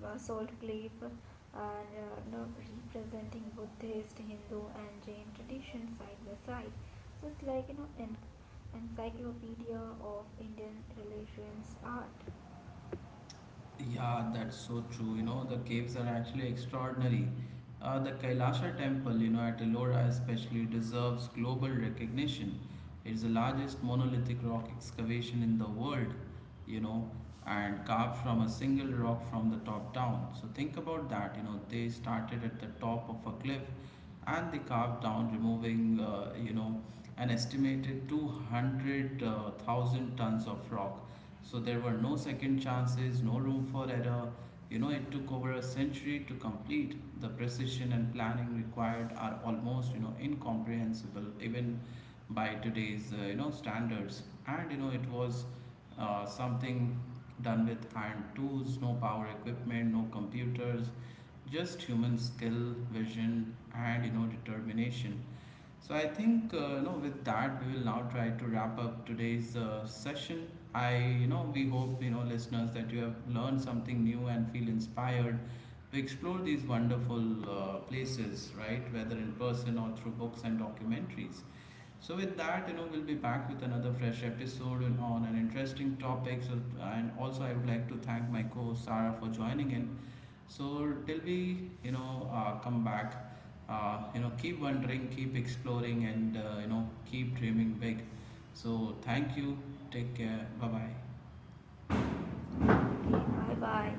B: basalt cliff and you know, representing Buddhist, Hindu and Jain traditions side by side. So it's like, you know, an encyclopedia of Indian religions art.
A: Yeah, that's so true. The caves are actually extraordinary. The Kailasha temple, at Ellora especially deserves global recognition. It's the largest monolithic rock excavation in the world, you know, and carved from a single rock from the top down. So think about that, they started at the top of a cliff, and they carved down, removing, an estimated 200,000 tons of rock. So there were no second chances, no room for error. It took over a century to complete. The precision and planning required are almost, incomprehensible even by today's, standards. And, it was something done with hand tools, no power equipment, no computers, just human skill, vision, and, determination. So I think with that we will now try to wrap up today's session. I you know we hope, listeners, that you have learned something new and feel inspired to explore these wonderful places, right? Whether in person or through books and documentaries. So with that, we'll be back with another fresh episode and on an interesting topic. So, and also I would like to thank my co-host Sarah for joining in. So till we, come back, keep wondering, keep exploring, and keep dreaming big. So thank you. Take care. Bye bye.
B: Okay, bye bye.